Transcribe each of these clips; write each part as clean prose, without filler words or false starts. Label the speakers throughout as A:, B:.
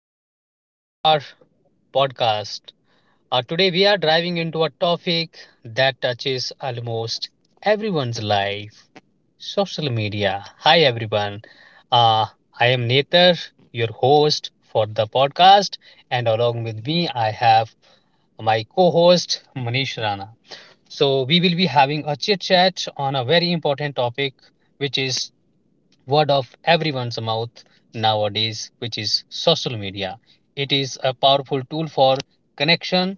A: welcome back to our podcast. Today we are driving into a topic that touches almost everyone's life: social media. Hi, everyone. Uh, I am Nether, your host for the podcast, and along with me, I have my co host Manish Rana. So, we will be having a chit chat on a very important topic, which is word of everyone's mouth nowadays, which is social media. It is a powerful tool for connection,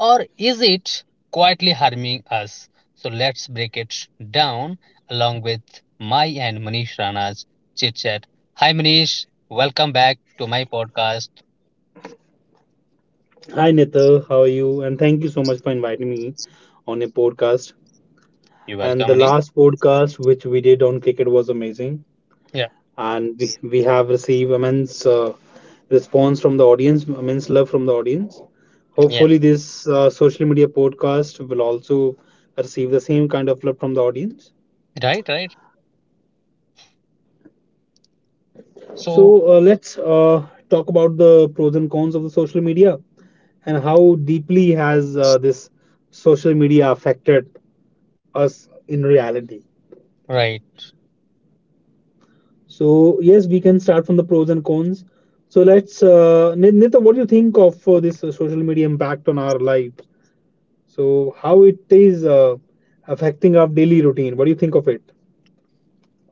A: or is it quietly harming us? So let's break it down along with my and Manish Rana's chit chat. Hi, Manish. Welcome back to my podcast.
B: Hi Nithar, how are you? And thank you so much for inviting me on a podcast.
A: You're
B: And
A: welcome,
B: the
A: Manish.
B: last podcast which we did on cricket was amazing,
A: Yeah,
B: and we have received immense response from the audience, immense love from the audience.
A: yeah,
B: Hopefully, this social media podcast will also receive the same kind of love from the audience.
A: right, right. So,
B: So let's talk about the pros and cons of the social media and how deeply has this social media affected us in reality.
A: right.
B: So yes, we can start from the pros and cons. So Nita, what do you think of this social media impact on our lives? So how it is affecting our daily routine? What do you think of it?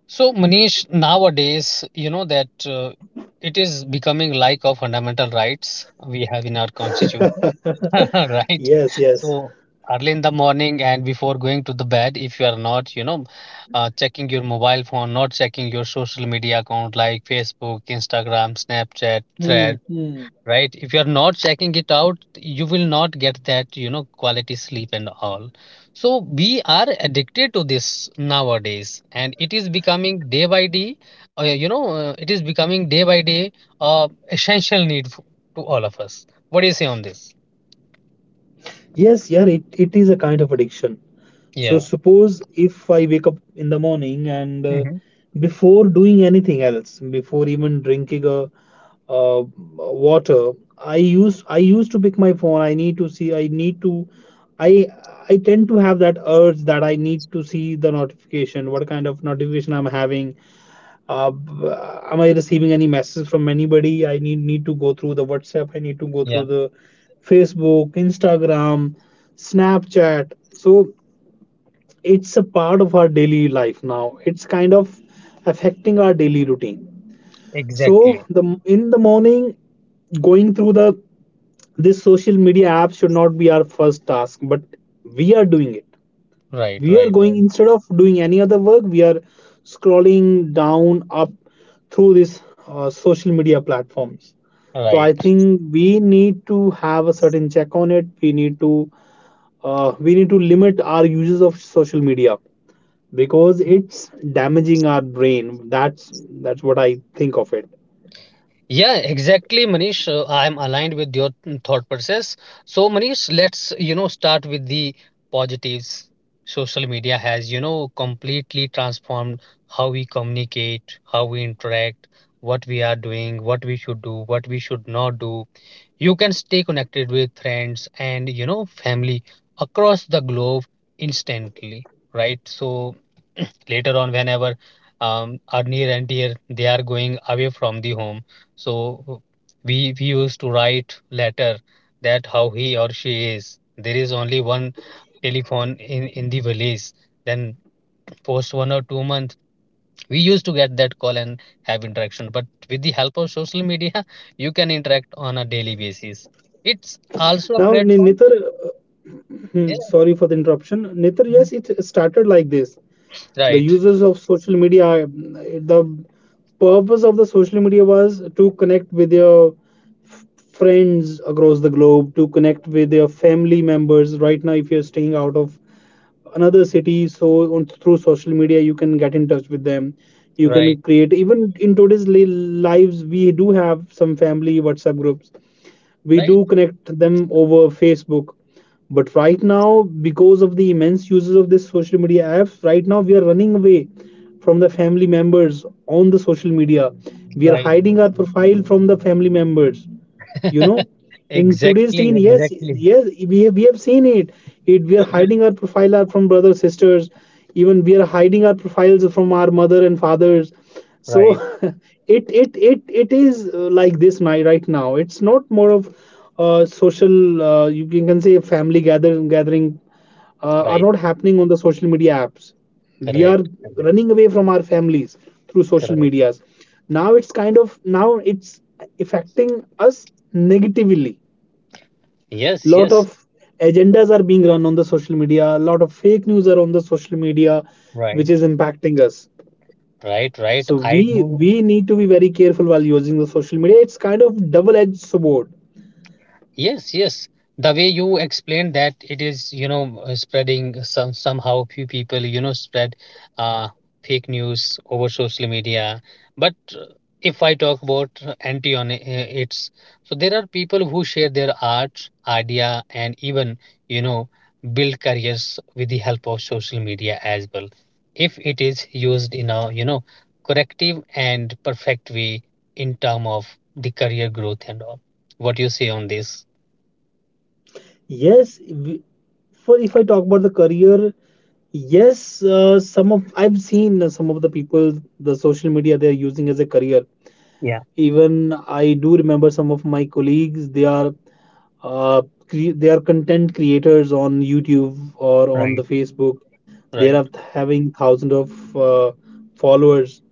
A: So, Manish, nowadays, you know that it is becoming like a fundamental rights we have in our constitution, right?
B: Yes, yes.
A: So, early in the morning and before going to the bed, if you are not, you know, checking your mobile phone, not checking your social media account like Facebook, Instagram, Snapchat,
B: Hmm,
A: Thread,
B: hmm.
A: right, if you're not checking it out, you will not get that, you know, quality sleep and all. So we are addicted to this nowadays, and it is becoming day by day you know it is becoming day by day essential need to all of us. What do you say on this?
B: Yes, yeah, it is a kind of addiction. So
A: Yeah.
B: suppose if I wake up in the morning and
A: Hmm.
B: before doing anything else, before even drinking a uh, water, I used to pick my phone. I need to see, i I tend to have that urge that I need to see the notification, what kind of notification I'm having. uh, b- am I receiving any message from anybody? I need to go through the WhatsApp, I need to go
A: Yeah.
B: through the Facebook, Instagram, Snapchat. So it's a part of our daily life now. It's kind of affecting our daily routine. So
A: Exactly.
B: the in the morning, going through the this social media app should not be our first task, but we are doing it.
A: Right,
B: We are
A: right,
B: going,
A: right,
B: instead of doing any other work, we are scrolling down up through this social media platforms. So I
A: right.
B: think we need to have a certain check on it. We need to limit our uses of social media because it's damaging our brain. That's what I think of it.
A: Yeah, exactly, Manish. I'm aligned with your thought process. So, Manish, let's, you know, start with the positives. Social media has, completely transformed how we communicate, how we interact, what we are doing, what we should do, what we should not do. You can stay connected with friends, and, family across the globe instantly, right? So, later on, whenever our near and dear they are going away from the home, so we used to write letter that how he or she is. There is only one telephone in the village. Then post 1 or 2 months, we used to get that call and have interaction. But with the help of social media, you can interact on a daily basis. It's
B: Now,
A: also a
B: Nitar,
A: platform.
B: hmm,
A: Yeah.
B: sorry for the interruption. Nitar, yes,
A: Mhm.
B: it started like this. The
A: Right.
B: users of social media, mm, the purpose of the social media was to connect with your f- friends across the globe, to connect with your family members. Right now, if you're staying out of another city, so on, through social media, you can get in touch with them. You
A: Right.
B: can create, even in today's lives, we do have some family WhatsApp groups, we
A: Right.
B: do connect them over Facebook. But right now, because of the immense uses of this social media apps, right now we are running away from the family members on the social media. We are
A: Right.
B: hiding our profile from the family members. You know, in today's
A: Exactly,
B: teen, yes,
A: exactly.
B: yes, we have seen it. It, we are hiding our profile from brothers, sisters, even we are hiding our profiles from our mother and fathers. So
A: Right,
B: it is like this, right now it's not more of social, you can say family gathering are
A: right,
B: not happening on the social media apps. We are
A: correct, correct,
B: running away from our families through social
A: correct.
B: medias. Now it's kind of, now it's affecting us negatively.
A: Yes,
B: Lot
A: yes,
B: of agendas are being run on the social media. A lot of fake news are on the social media, which is
A: right.
B: impacting us.
A: Right, right.
B: So
A: I
B: we
A: do.
B: we need to be very careful while using the social media. It's kind of double-edged sword.
A: Yes, yes. The way you explained, that it is, spreading. Some somehow few people, spread uh, fake news over social media. But if I talk about anti on it- it's so there are people who share their art, idea, and even, you know, build careers with the help of social media as well. If it is used in a, you know, corrective and perfect way in term of the career growth and all, what do you say on this?
B: Yes, we- for if I talk about the career, yes, some of, I've seen some of the people, the social media they're using as a career.
A: Yeah,
B: Even I do remember some of my colleagues. They are, uh, they are content creators on YouTube or on
A: right,
B: the Facebook. They
A: right,
B: are having thousands of followers,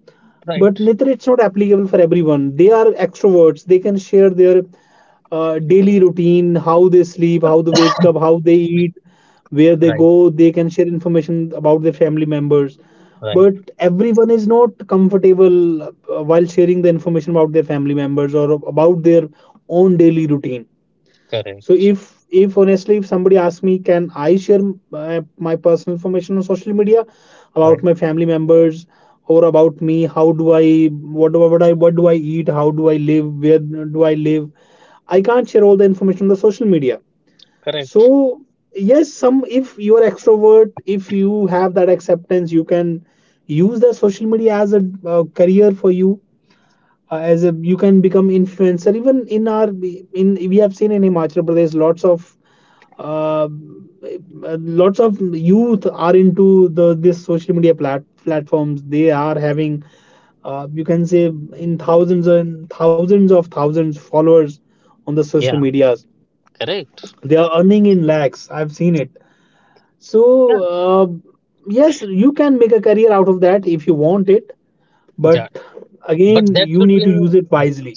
A: right,
B: but neither, it's not applicable for everyone. They are extroverts, they can share their daily routine, how they sleep, how they wake up, how they eat, where they go.
A: right,
B: They can share information about their family members,
A: right,
B: but everyone is not comfortable while sharing the information about their family members or about their own daily routine. So
A: correct,
B: if honestly, if somebody asks me, can I share my personal information on social media about
A: right,
B: my family members or about me? How do I, what do I, what I what do I eat? How do I live? Where do I live? I can't share all the information on the social media.
A: correct.
B: So yes, some, if you are extrovert, if you have that acceptance, you can use the social media as a career for you, as a you can become influencer. Even in our, in we have seen in Himachal Pradesh, uh, lots of youth are into the this social media platforms. They are having, you can say, in thousands and thousands of thousands followers on the social
A: Yeah,
B: medias.
A: correct.
B: They are earning in lakhs, I've seen it. So
A: Yeah,
B: uh, yes, you can make a career out of that if you want it,
A: yeah.
B: but
A: But
B: again,
A: that
B: you
A: should be
B: need to use it
A: yeah,
B: wisely.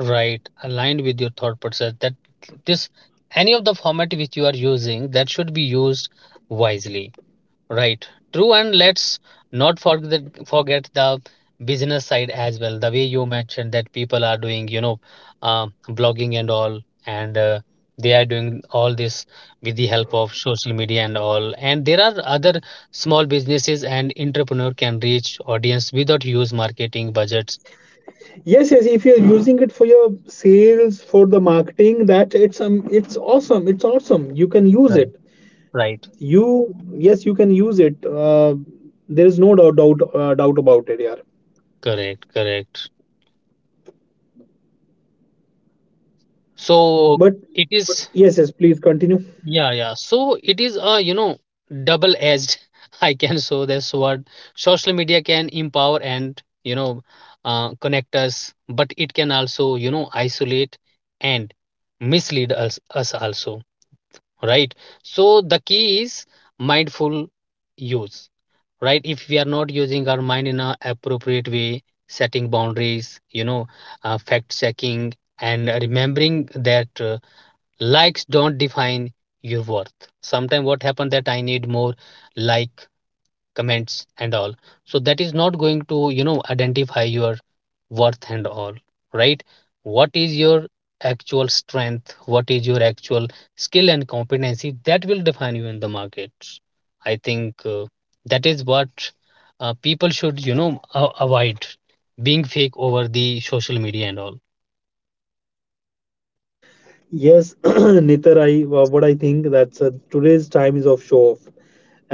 A: right, aligned with your thought process that this, any of the format which you are using, that should be used wisely. Right. True. And let's not forget the business side as well. The way you mentioned that people are doing, you know, blogging and all, and they are doing all this with the help of social media and all. And there are other small businesses and entrepreneur can reach audience without huge marketing budgets.
B: Yes, yes. If you're using it for your sales, for the marketing, that, it's awesome. It's awesome. You can use
A: Right.
B: it.
A: Right.
B: You, yes, you can use it. There is no doubt about it, yeah.
A: Correct. Correct. So
B: But
A: it
B: but
A: is.
B: yes, yes. Please continue.
A: Yeah, yeah. So it is a, you know, double-edged, I can show this sword. Social media can empower and, connect us, but it can also, isolate and mislead us also, right? So the key is mindful use, right? If we are not using our mind in a appropriate way, setting boundaries, fact checking, and remembering that. Likes don't define your worth. Sometimes what happened that I need more like comments and all, so that is not going to identify your worth and all. Right. What is your actual strength? What is your actual skill and competency? That will define you in the market. I think that is what people should, avoid being fake over the social media and all.
B: Yes, Nitar, I what I think, that's today's time is of show off.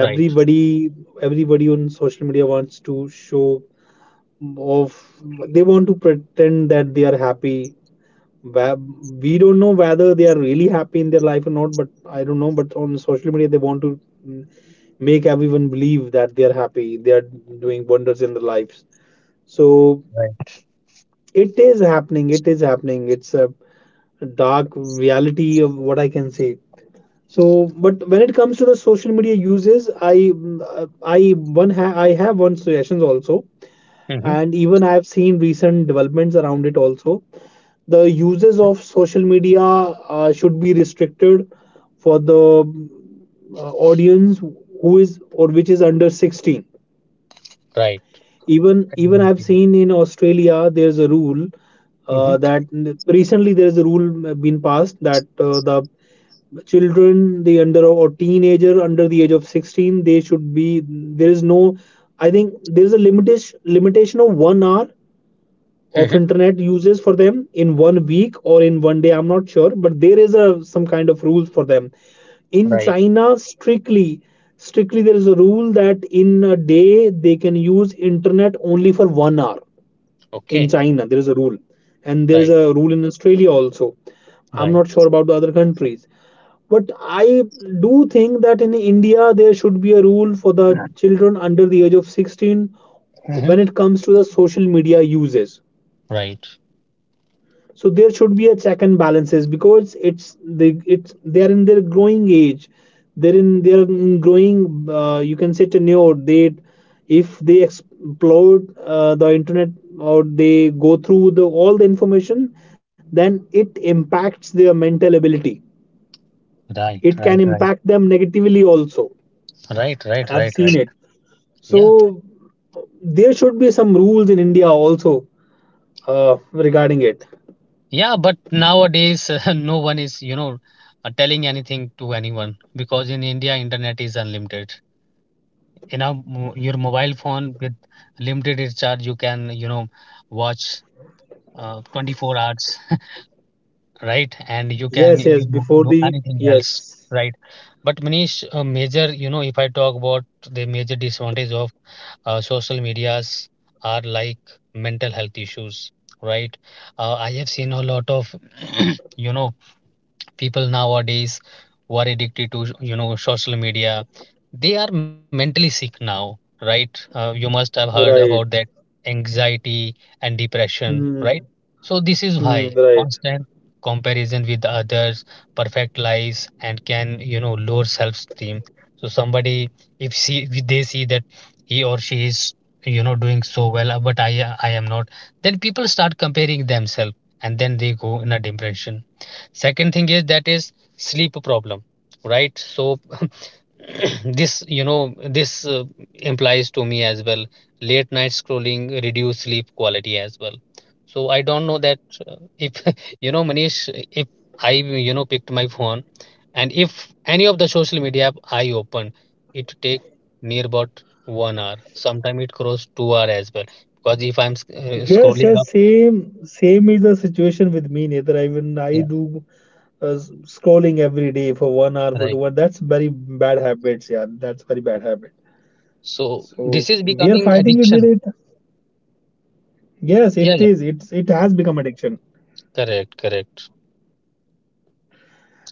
A: Right.
B: everybody on social media wants to show off. They want to pretend that they are happy, where we don't know whether they are really happy in their life or not. But I don't know, but on social media they want to, mm, make everyone believe that they are happy, they are doing wonders in their lives. So
A: Right.
B: it is happening, it is happening. It's a dark reality of what I can say. So but when it comes to the social media uses, I, I have one suggestions also,
A: Mm-hmm.
B: and even I have seen recent developments around it also. The
A: Mm-hmm.
B: uses of social media should be restricted for the audience who is or which is under 16.
A: Right.
B: Even I've seen in Australia there's a rule
A: Mm-hmm.
B: that recently there's a rule been passed, that the children, the under, or teenager under the age of 16, they should be, there is no, I think there is a limitation of 1 hour
A: Hmm.
B: of internet uses for them in 1 week or in 1 day. I'm not sure, but there is a some kind of rules for them. In
A: Right.
B: China strictly, strictly there is a rule that in a day they can use internet only for 1 hour. In
A: Okay.
B: China there is a rule, and there is
A: Right.
B: a rule in Australia also. I'm
A: Right.
B: not sure about the other countries, but I do think that in India there should be a rule for the children under the age of 16
A: Mhm.
B: when it comes to the social media uses.
A: Right.
B: So there should be a check and balances, because it's they, it's they're in their growing age. They're in, they're in growing, you can say, tenure. They, if they explore the internet, or they go through the all the information, then it impacts their mental ability.
A: Right.
B: It can
A: Right. Right.
B: impact them negatively also.
A: Right. Right.
B: I've
A: Right.
B: seen
A: Right.
B: it. So
A: Yeah.
B: there should be some rules in India also uh, regarding it.
A: Yeah. But nowadays, no one is, you know, telling anything to anyone, because in India, internet is unlimited. You know, your mobile phone with limited recharge, you can, you know, watch 24 hours, right? And you can,
B: Yes Before
A: do
B: the,
A: anything else,
B: yes.
A: right? But Manish, a major you know if I talk about the major disadvantage of social medias, are like mental health issues, right? I have seen a lot of you know people nowadays who are addicted to, social media. They are mentally sick now, right? You must have heard about
B: Right.
A: that, anxiety and depression,
B: Hmm.
A: right? So this is
B: Hmm.
A: why
B: Right.
A: constant comparison with others perfect lives, and can, lower self esteem. So somebody, if they see that he or she is, doing so well, but I am not, then people start comparing themselves, and then they go in a depression. Second thing is, that is, sleep problem, right? So this you know this implies to me as well. Late night scrolling reduce sleep quality as well. So I don't know that if you know, Manish, if I, picked my phone, and if any of the social media app I open, it take near about 1 hour. Sometimes it cross 2 hour as well, because if I'm
B: Yes,
A: scrolling
B: yes,
A: up.
B: same is the situation with me, Neither. I, even I
A: Yeah.
B: do scrolling every day for 1 hour, for
A: Right.
B: 2 hours. That's very bad habits, yeah. That's very bad habit.
A: So this is
B: So we are
A: becoming
B: fighting it
A: addiction.
B: with it. Yes,
A: Yeah,
B: it
A: yeah.
B: is. It has become addiction.
A: Correct, correct.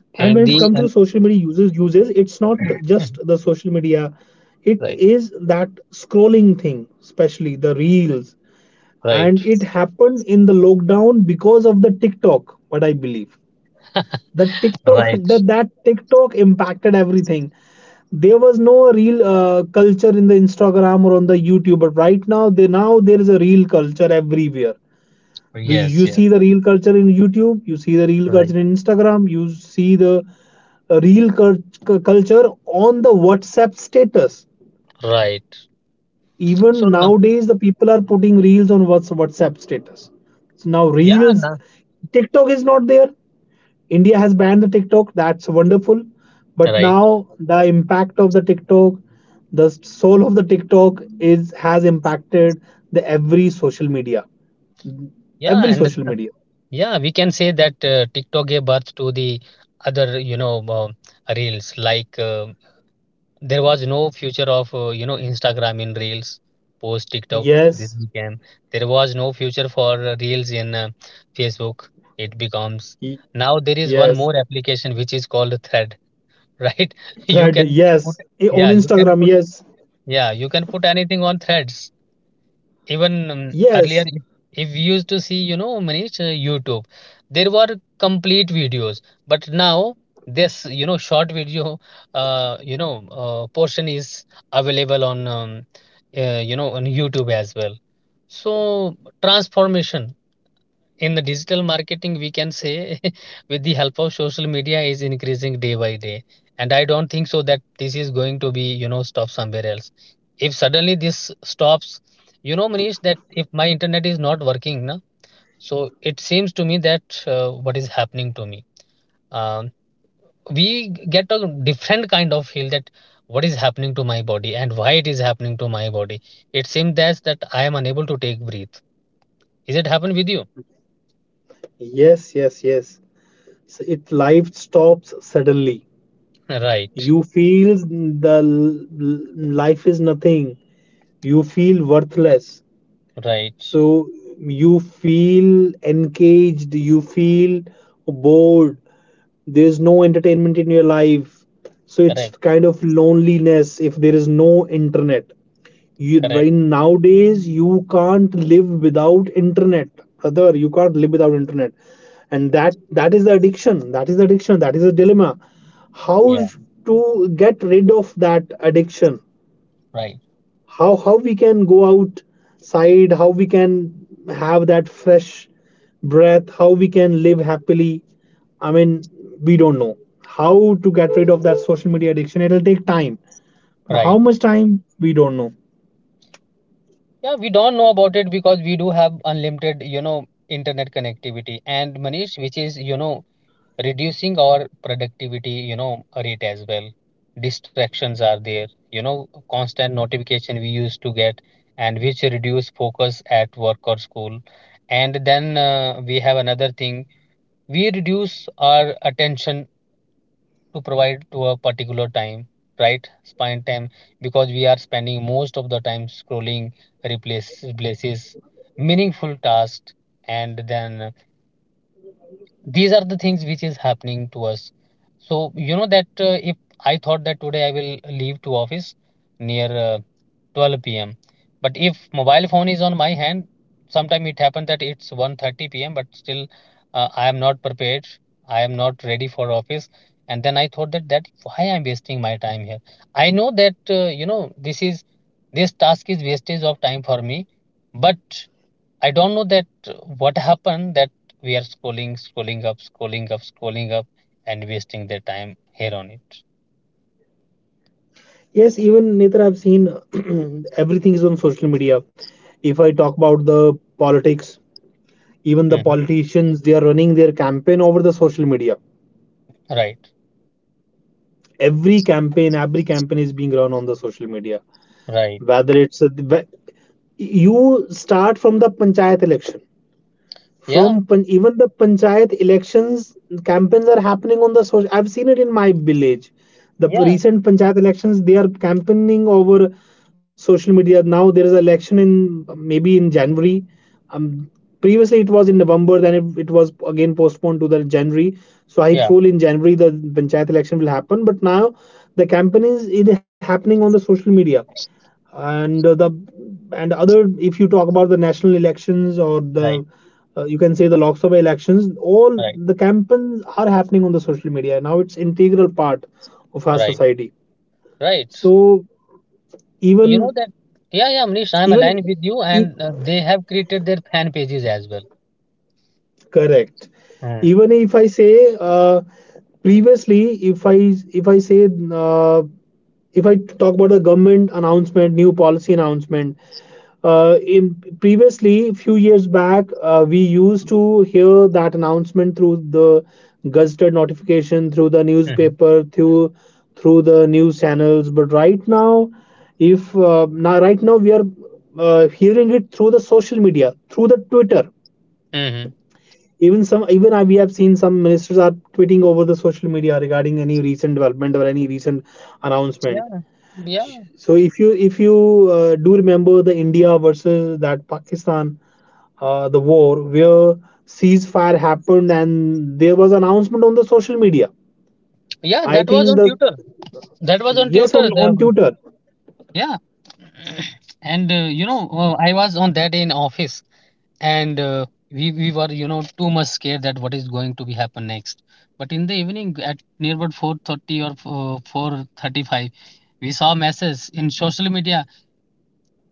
B: And when
A: And
B: it's
A: the
B: come to the
A: and
B: social media users uses, it's not just the social media. It
A: right,
B: is that scrolling thing, especially the reels, and
A: right,
B: it happened in the lockdown because of the TikTok, what I believe. The TikTok,
A: right.
B: that TikTok impacted everything. There was no real culture in the Instagram or on the YouTube, but right now they, now there is a real culture everywhere. Do
A: Yes,
B: you
A: yes,
B: see the real culture in YouTube? You see the real
A: right,
B: culture in Instagram. You see the uh, real cul- culture on the WhatsApp status.
A: right. So
B: Even
A: no,
B: nowadays the people are putting reels on WhatsApp status. So now
A: yeah,
B: reels,
A: no,
B: TikTok is not there. India has banned the TikTok, that's wonderful. But
A: right,
B: now the impact of the TikTok, the soul of the TikTok is has impacted the every social media,
A: yeah,
B: every
A: and
B: social media.
A: yeah, we can say that TikTok gave birth to the other, reels. Like there was no future of Instagram in reels post TikTok. This
B: Yes.
A: became There was no future for reels in Facebook. It becomes
B: Y-
A: Now there is one
B: yes,
A: more application which is called Thread, right? You
B: thread,
A: can put,
B: yes. Eh, on
A: yeah, you can
B: Instagram,
A: put,
B: yes.
A: yeah, you can put anything on threads. Even earlier,
B: Yes,
A: if we used to see, Manish, YouTube, there were complete videos, but now this, short video, portion is available on, on YouTube as well. So transformation in the digital marketing we can say with the help of social media is increasing day by day, and I don't think so that this is going to be, stop somewhere else. If suddenly this stops, Manish, that if my internet is not working na, so it seems to me that what is happening to me, um, we get a different kind of feel that what is happening to my body and why it is happening to my body. It seems that I am unable to take breath. Is it happen with you?
B: yes, yes, yes. so it, life stops suddenly.
A: Right.
B: You feel the life is nothing. You feel worthless.
A: Right.
B: So you feel engaged, you feel bored, there's no entertainment in your life. So it's
A: Correct.
B: kind of loneliness if there is no internet. You right,
A: Correct.
B: nowadays you can't live without internet, brother. You can't live without internet. And that is the addiction. That is the addiction. That is the dilemma. How
A: Yeah.
B: to get rid of that addiction?
A: Right.
B: How we can go outside, how we can have that fresh breath, how we can live happily, i mean we don't know how to get rid of that social media addiction. It'll take time, but how
A: Right.
B: much time we don't know.
A: Yeah, we don't know about it, because we do have unlimited, internet connectivity, and Manish, which is, reducing our productivity, rate as well. Distractions are there, constant notification we used to get, and which reduce focus at work or school. And then we have another thing, we reduce our attention to provide to a particular time, right, spine time, because we are spending most of the time scrolling, replaces meaningful tasks. And then these are the things which is happening to us. So you know that if I thought that today I will leave to office near 12 p.m. But if mobile phone is on my hand, sometime it happens that it's 1:30 p.m. But still, I am not prepared. I am not ready for office. And then I thought that, why I'm wasting my time here. I know that this task is wastage of time for me, but I don't know that what happened that we are scrolling, scrolling up, scrolling up, scrolling up, and wasting their time here on it.
B: Yes, even Nitra, I've seen everything is on social media. If I talk about the politics, even the
A: Mhm.
B: politicians, they are running their campaign over the social media.
A: Right,
B: Every campaign is being run on the social media,
A: right.
B: whether it's a, whe- you start from the panchayat election,
A: Yeah,
B: even the panchayat elections, campaigns are happening on the social. I've seen it in my village, the
A: yeah,
B: recent panchayat elections, they are campaigning over social media. Now there is election in maybe in January. um, Previously it was in November, then it was again postponed to the January. So I
A: yeah.
B: feel in January the panchayat election will happen, but now the campaign is happening on the social media. And uh, the and other, if you talk about the national elections or the
A: Right,
B: you can say the Lok Sabha elections, all
A: right.
B: the campaigns are happening on the social media now. It's integral part of our
A: Right,
B: society.
A: right.
B: So
A: You know
B: even
A: that, yeah, yeah, Amrish, I'm
B: even
A: aligned with you, and they have created their fan pages as well.
B: correct,
A: Mm.
B: even if I say uh, previously, if i if I say, uh, if I talk about a government announcement, new policy announcement, in previously few years back, we used to hear that announcement through the gazetted notification, through the
A: Hmm.
B: newspaper, through through the news channels. But right now, if now right now we are hearing it through the social media, through the Twitter.
A: Hmm.
B: Even some even I, we have seen some ministers are tweeting over the social media regarding any recent development or any recent announcement.
A: Yeah, yeah,
B: So if you do remember the India versus that Pakistan, the war where ceasefire happened and there was announcement on the social media.
A: yeah.
B: I
A: That was
B: think
A: on
B: the
A: Twitter. That was on
B: yes,
A: Twitter.
B: on Twitter
A: Yeah, and you know, I was on that day in office, and we were, too much scared that what is going to be happen next. But in the evening, at near about 4:30 or 4:35, we saw messages in social media.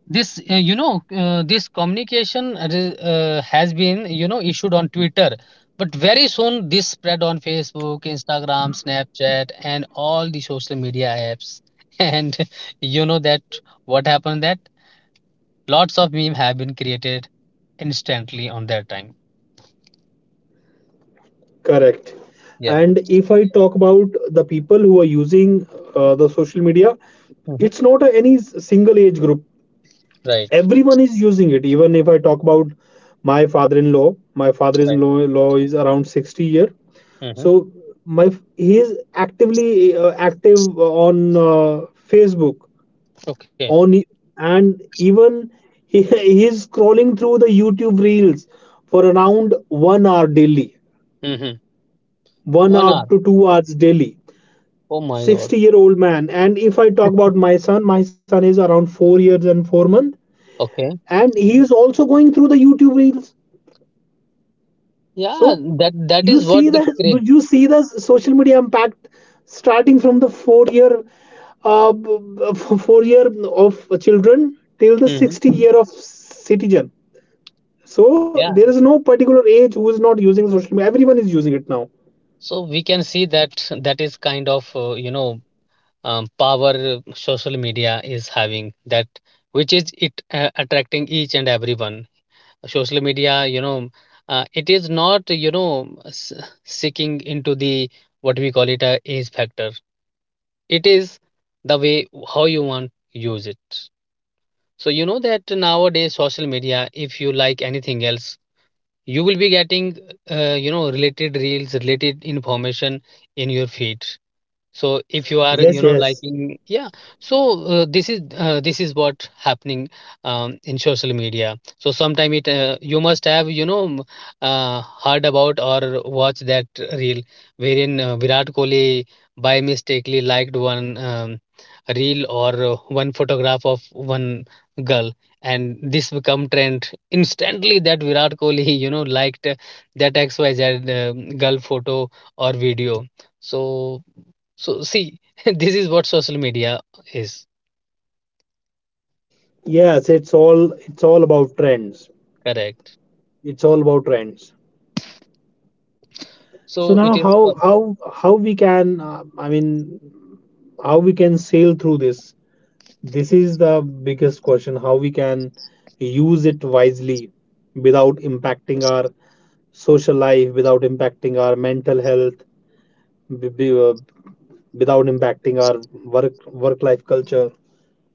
A: This this communication has been issued on Twitter. But very soon this spread on Facebook, Instagram, Snapchat, and all the social media apps. And you know that what happened, that lots of meme have been created instantly on that time.
B: correct.
A: Yeah.
B: And if I talk about the people who are using the social media,
A: Hmm.
B: it's not a, any s- single age group.
A: Right,
B: Everyone is using it. Even if I talk about my father-in-law my
A: right.
B: father-in-law is around 60 year.
A: Hmm.
B: So my he is actively active on Facebook,
A: Okay.
B: on e, and even he, he is scrolling through the YouTube reels for around 1 hour daily,
A: Hmm.
B: 1
A: one
B: hour
A: hour
B: to 2 hours daily.
A: Oh my god.
B: 60-year-old man. And if I talk about my son, my son is around 4 years and 4 months,
A: Okay.
B: and he is also going through the YouTube reels.
A: Yeah,
B: So
A: that
B: you
A: is
B: see
A: what
B: the
A: the cra-.
B: you see the social media impact starting from the uh, four year of children till the
A: Mhm.
B: 60 year of citizen. So
A: Yeah.
B: there is no particular age who is not using social media. Everyone is using it now.
A: So we can see that, that is kind of power social media is having, that which is it attracting each and everyone. Social media, it is not seeking into the what we call it a age factor. It is the way how you want use it. So you know that nowadays social media, if you like anything else, you will be getting related reels, related information in your feed. So if you are
B: Yes, yes.
A: liking. Yeah. So this is what happening in social media. So sometime it you must have heard about or watched that reel wherein Virat Kohli by mistakenly liked one reel or one photograph of one girl. And this become trend instantly that Virat Kohli liked that xyz girl photo or video. So see, this is what social media is.
B: Yes, it's all about trends.
A: Correct.
B: It's all about trends. So
A: So it
B: now
A: is for.
B: how we can how we can sail through this? This is the biggest question, how we can use it wisely without impacting our social life, without impacting our mental health, b- b- uh, without impacting our work work life culture.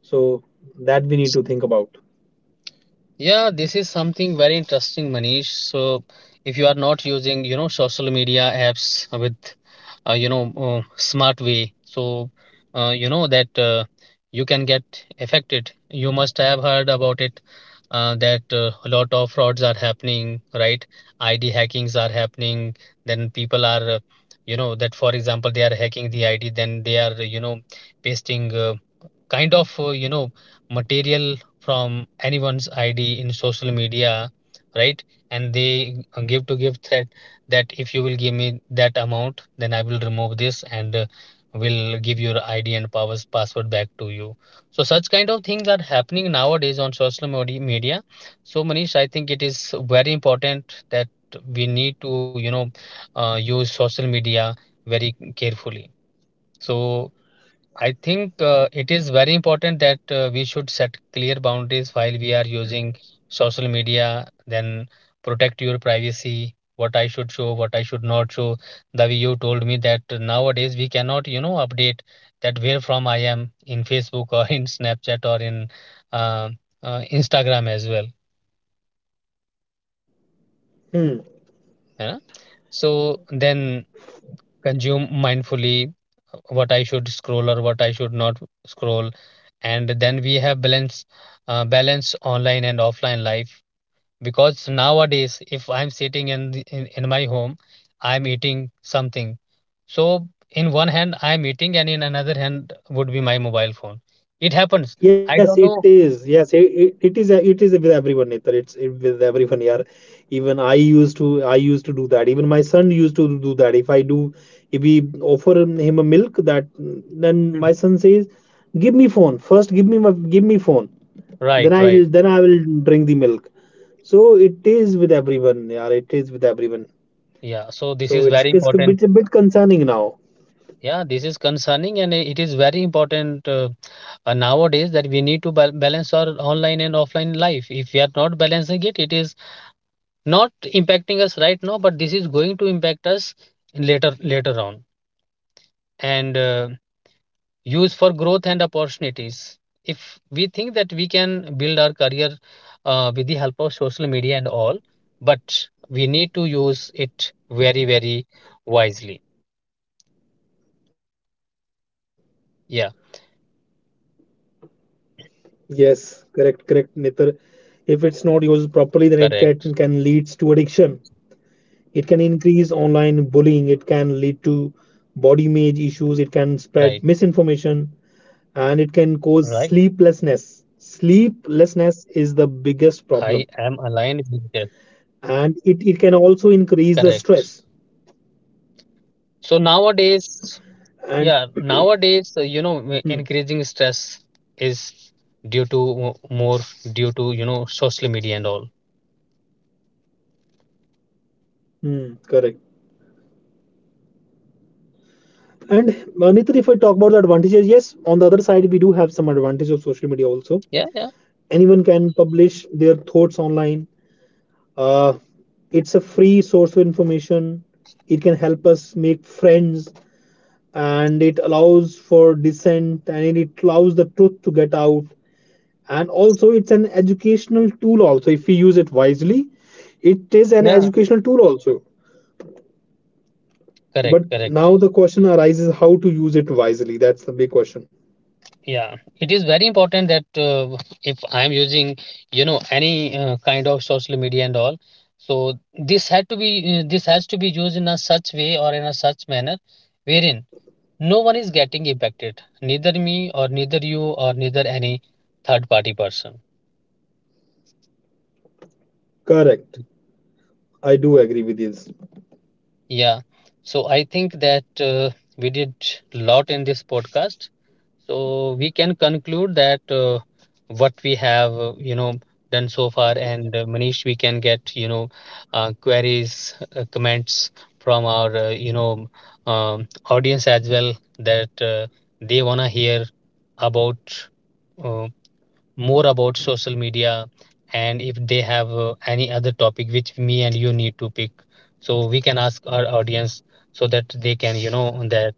B: So that we need to think about.
A: Yeah, this is something very interesting, Manish. So, if you are not using, social media apps with, smart way, so you know that you can get affected. You must have heard about it that a lot of frauds are happening, right? ID hackings are happening. Then people are, that for example, they are hacking the ID. Then they are, pasting kind of material from anyone's id in social media. Right. And they give threat that if you will give me that amount, then I will remove this, and will give your id and powers password back to you. So such kind of things are happening nowadays on social media. So, Manish, I think it is very important that we need to use social media very carefully. So I think it is very important that we should set clear boundaries while we are using social media, then protect your privacy, what I should show, what I should not show. The way you told me that nowadays we cannot, update that where from I am in Facebook or in Snapchat or in uh, Instagram as well.
B: Hmm.
A: Yeah? So then consume mindfully, what I should scroll or what I should not scroll. And then we have balance online and offline life. Because nowadays, if I'm sitting in my home, I'm eating something. So in one hand, I'm eating, and in another hand would be my mobile phone. It happens. I
B: Yes,
A: don't
B: it
A: know.
B: is. Yes, it is. It is with everyone, Netar. It's it, with everyone. Yeah, even I used to. I used to do that. Even my son used to do that. If I do, if we offer him a milk, that then
A: Mhm.
B: my son says, "Give me phone first. Give me my give me phone.
A: Right,
B: Then
A: right.
B: I'll then I will drink the milk." So it is with everyone. Yeah, it is with everyone.
A: Yeah. So this is
B: So
A: very
B: it's
A: important.
B: a bit concerning now.
A: Yeah, this is concerning, and it is very important. Nowadays that we need to balance our online and offline life. If we are not balancing it is not impacting us right now, but this is going to impact us later on. And use for growth and opportunities. If we think that we can build our career with the help of social media and all, but we need to use it very very wisely. Yeah.
B: Yes, correct, correct, Nitar. If it's not used properly, then it can leads to addiction.
A: Correct.
B: It can increase online bullying. It can lead to body image issues. It can spread misinformation,
A: Right,
B: and it can cause sleeplessness.
A: right.
B: Sleeplessness is the biggest problem,
A: I am aligned
B: and it
A: with
B: it
A: that.
B: can also increase the stress.
A: Correct. So
B: And
A: nowadays. Yeah,
B: hmm,
A: nowadays, increasing stress is due to mo- more due to, social media and all.
B: hmm, correct. And Nitar, if I talk about the advantages, yes, on the other side, we do have some advantages of social media also.
A: Yeah, yeah,
B: Anyone can publish their thoughts online. Uh, it's a free source of information. It can help us make friends, and it allows for dissent, and it allows the truth to get out. And also, it's an educational tool, also, if we use it wisely. It
A: yeah,
B: is an educational tool, also.
A: correct,
B: But
A: correct.
B: now the question arises, how to use it wisely. That's the big question.
A: Yeah, it is very important that if I'm using, you know, any kind of social media and all, so this has to be used in a such way or in a such manner wherein no one is getting impacted, neither me or neither you or neither any third party person.
B: Correct. I do agree with this.
A: Yeah. So I think that we did lot in this podcast. So we can conclude that what we have, done so far. And Manish, we can get, queries, comments from our, audience as well, that they wanna hear about uh, more about social media. And if they have any other topic which me and you need to pick, so we can ask our audience so that they can you know that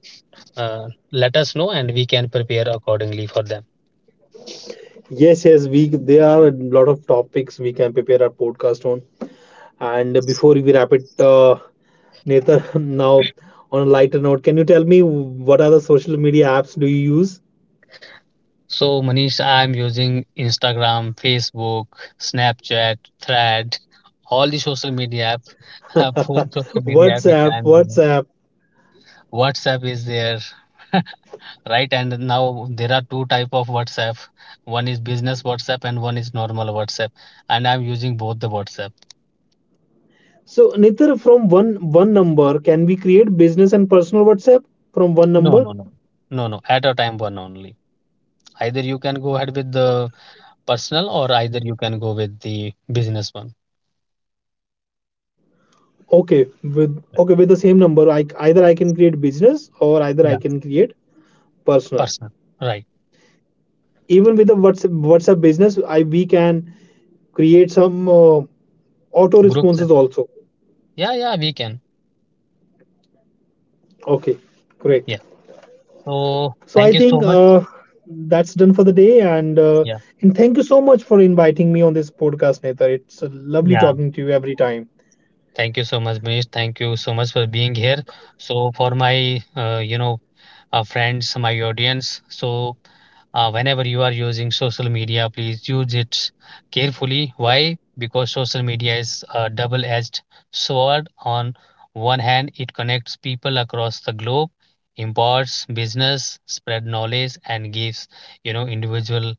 A: let us know, and we can prepare accordingly for them.
B: Yes, yes, we there are a lot of topics we can prepare our podcast on. And before we wrap it, Netar, now on a lighter note, can you tell me what are the social media apps do you use?
A: So, Manish, I'm using Instagram, Facebook, Snapchat, Thread, all the social media app. Four social media app which
B: WhatsApp,
A: I'm using.
B: WhatsApp.
A: WhatsApp is there. Right. And now there are two type of WhatsApp: one is business WhatsApp and one is normal WhatsApp. And I'm using both the WhatsApp.
B: So, Netar, from one number, can we create business and personal WhatsApp from one
A: No,
B: number?
A: no, no. No, no, at a time one only. Either you can go ahead with the personal or either you can go with the business one.
B: Okay with the same number, I either I can create business, or either
A: Yeah.
B: I can create personal.
A: Personal. Right.
B: Even with the WhatsApp business, I we can create some auto
A: Group chat.
B: responses also.
A: Yeah, yeah, we can.
B: Okay, great.
A: Yeah. So
B: So
A: thank
B: I
A: you so
B: think
A: much.
B: that's done for the day,
A: Yeah.
B: and thank you so much for inviting me on this podcast, Netar. It's lovely
A: Yeah,
B: talking to you every time.
A: thank you so much, Manish. Thank you so much for being here. So for my uh, you know friends, my audience, so whenever you are using social media, please use it carefully. Why? Because social media is a double edged sword. On one hand, it connects people across the globe, imparts business, spread knowledge, and gives individual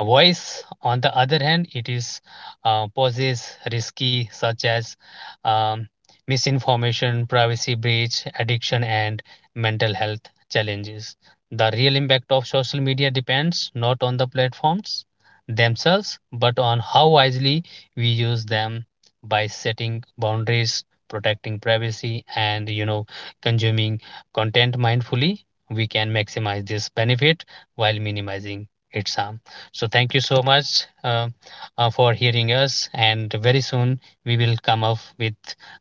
A: a voice. On the other hand, it is poses risky such as um, misinformation, privacy breach, addiction, and mental health challenges. The real impact of social media depends not on the platforms themselves, but on how wisely we use them by setting boundaries, protecting privacy, and consuming content mindfully. We can maximize this benefit while minimizing its harm. So thank you so much for hearing us, and very soon we will come up with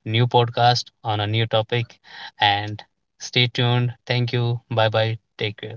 A: new podcast on a new topic. And stay tuned. Thank you. Bye bye. Take care.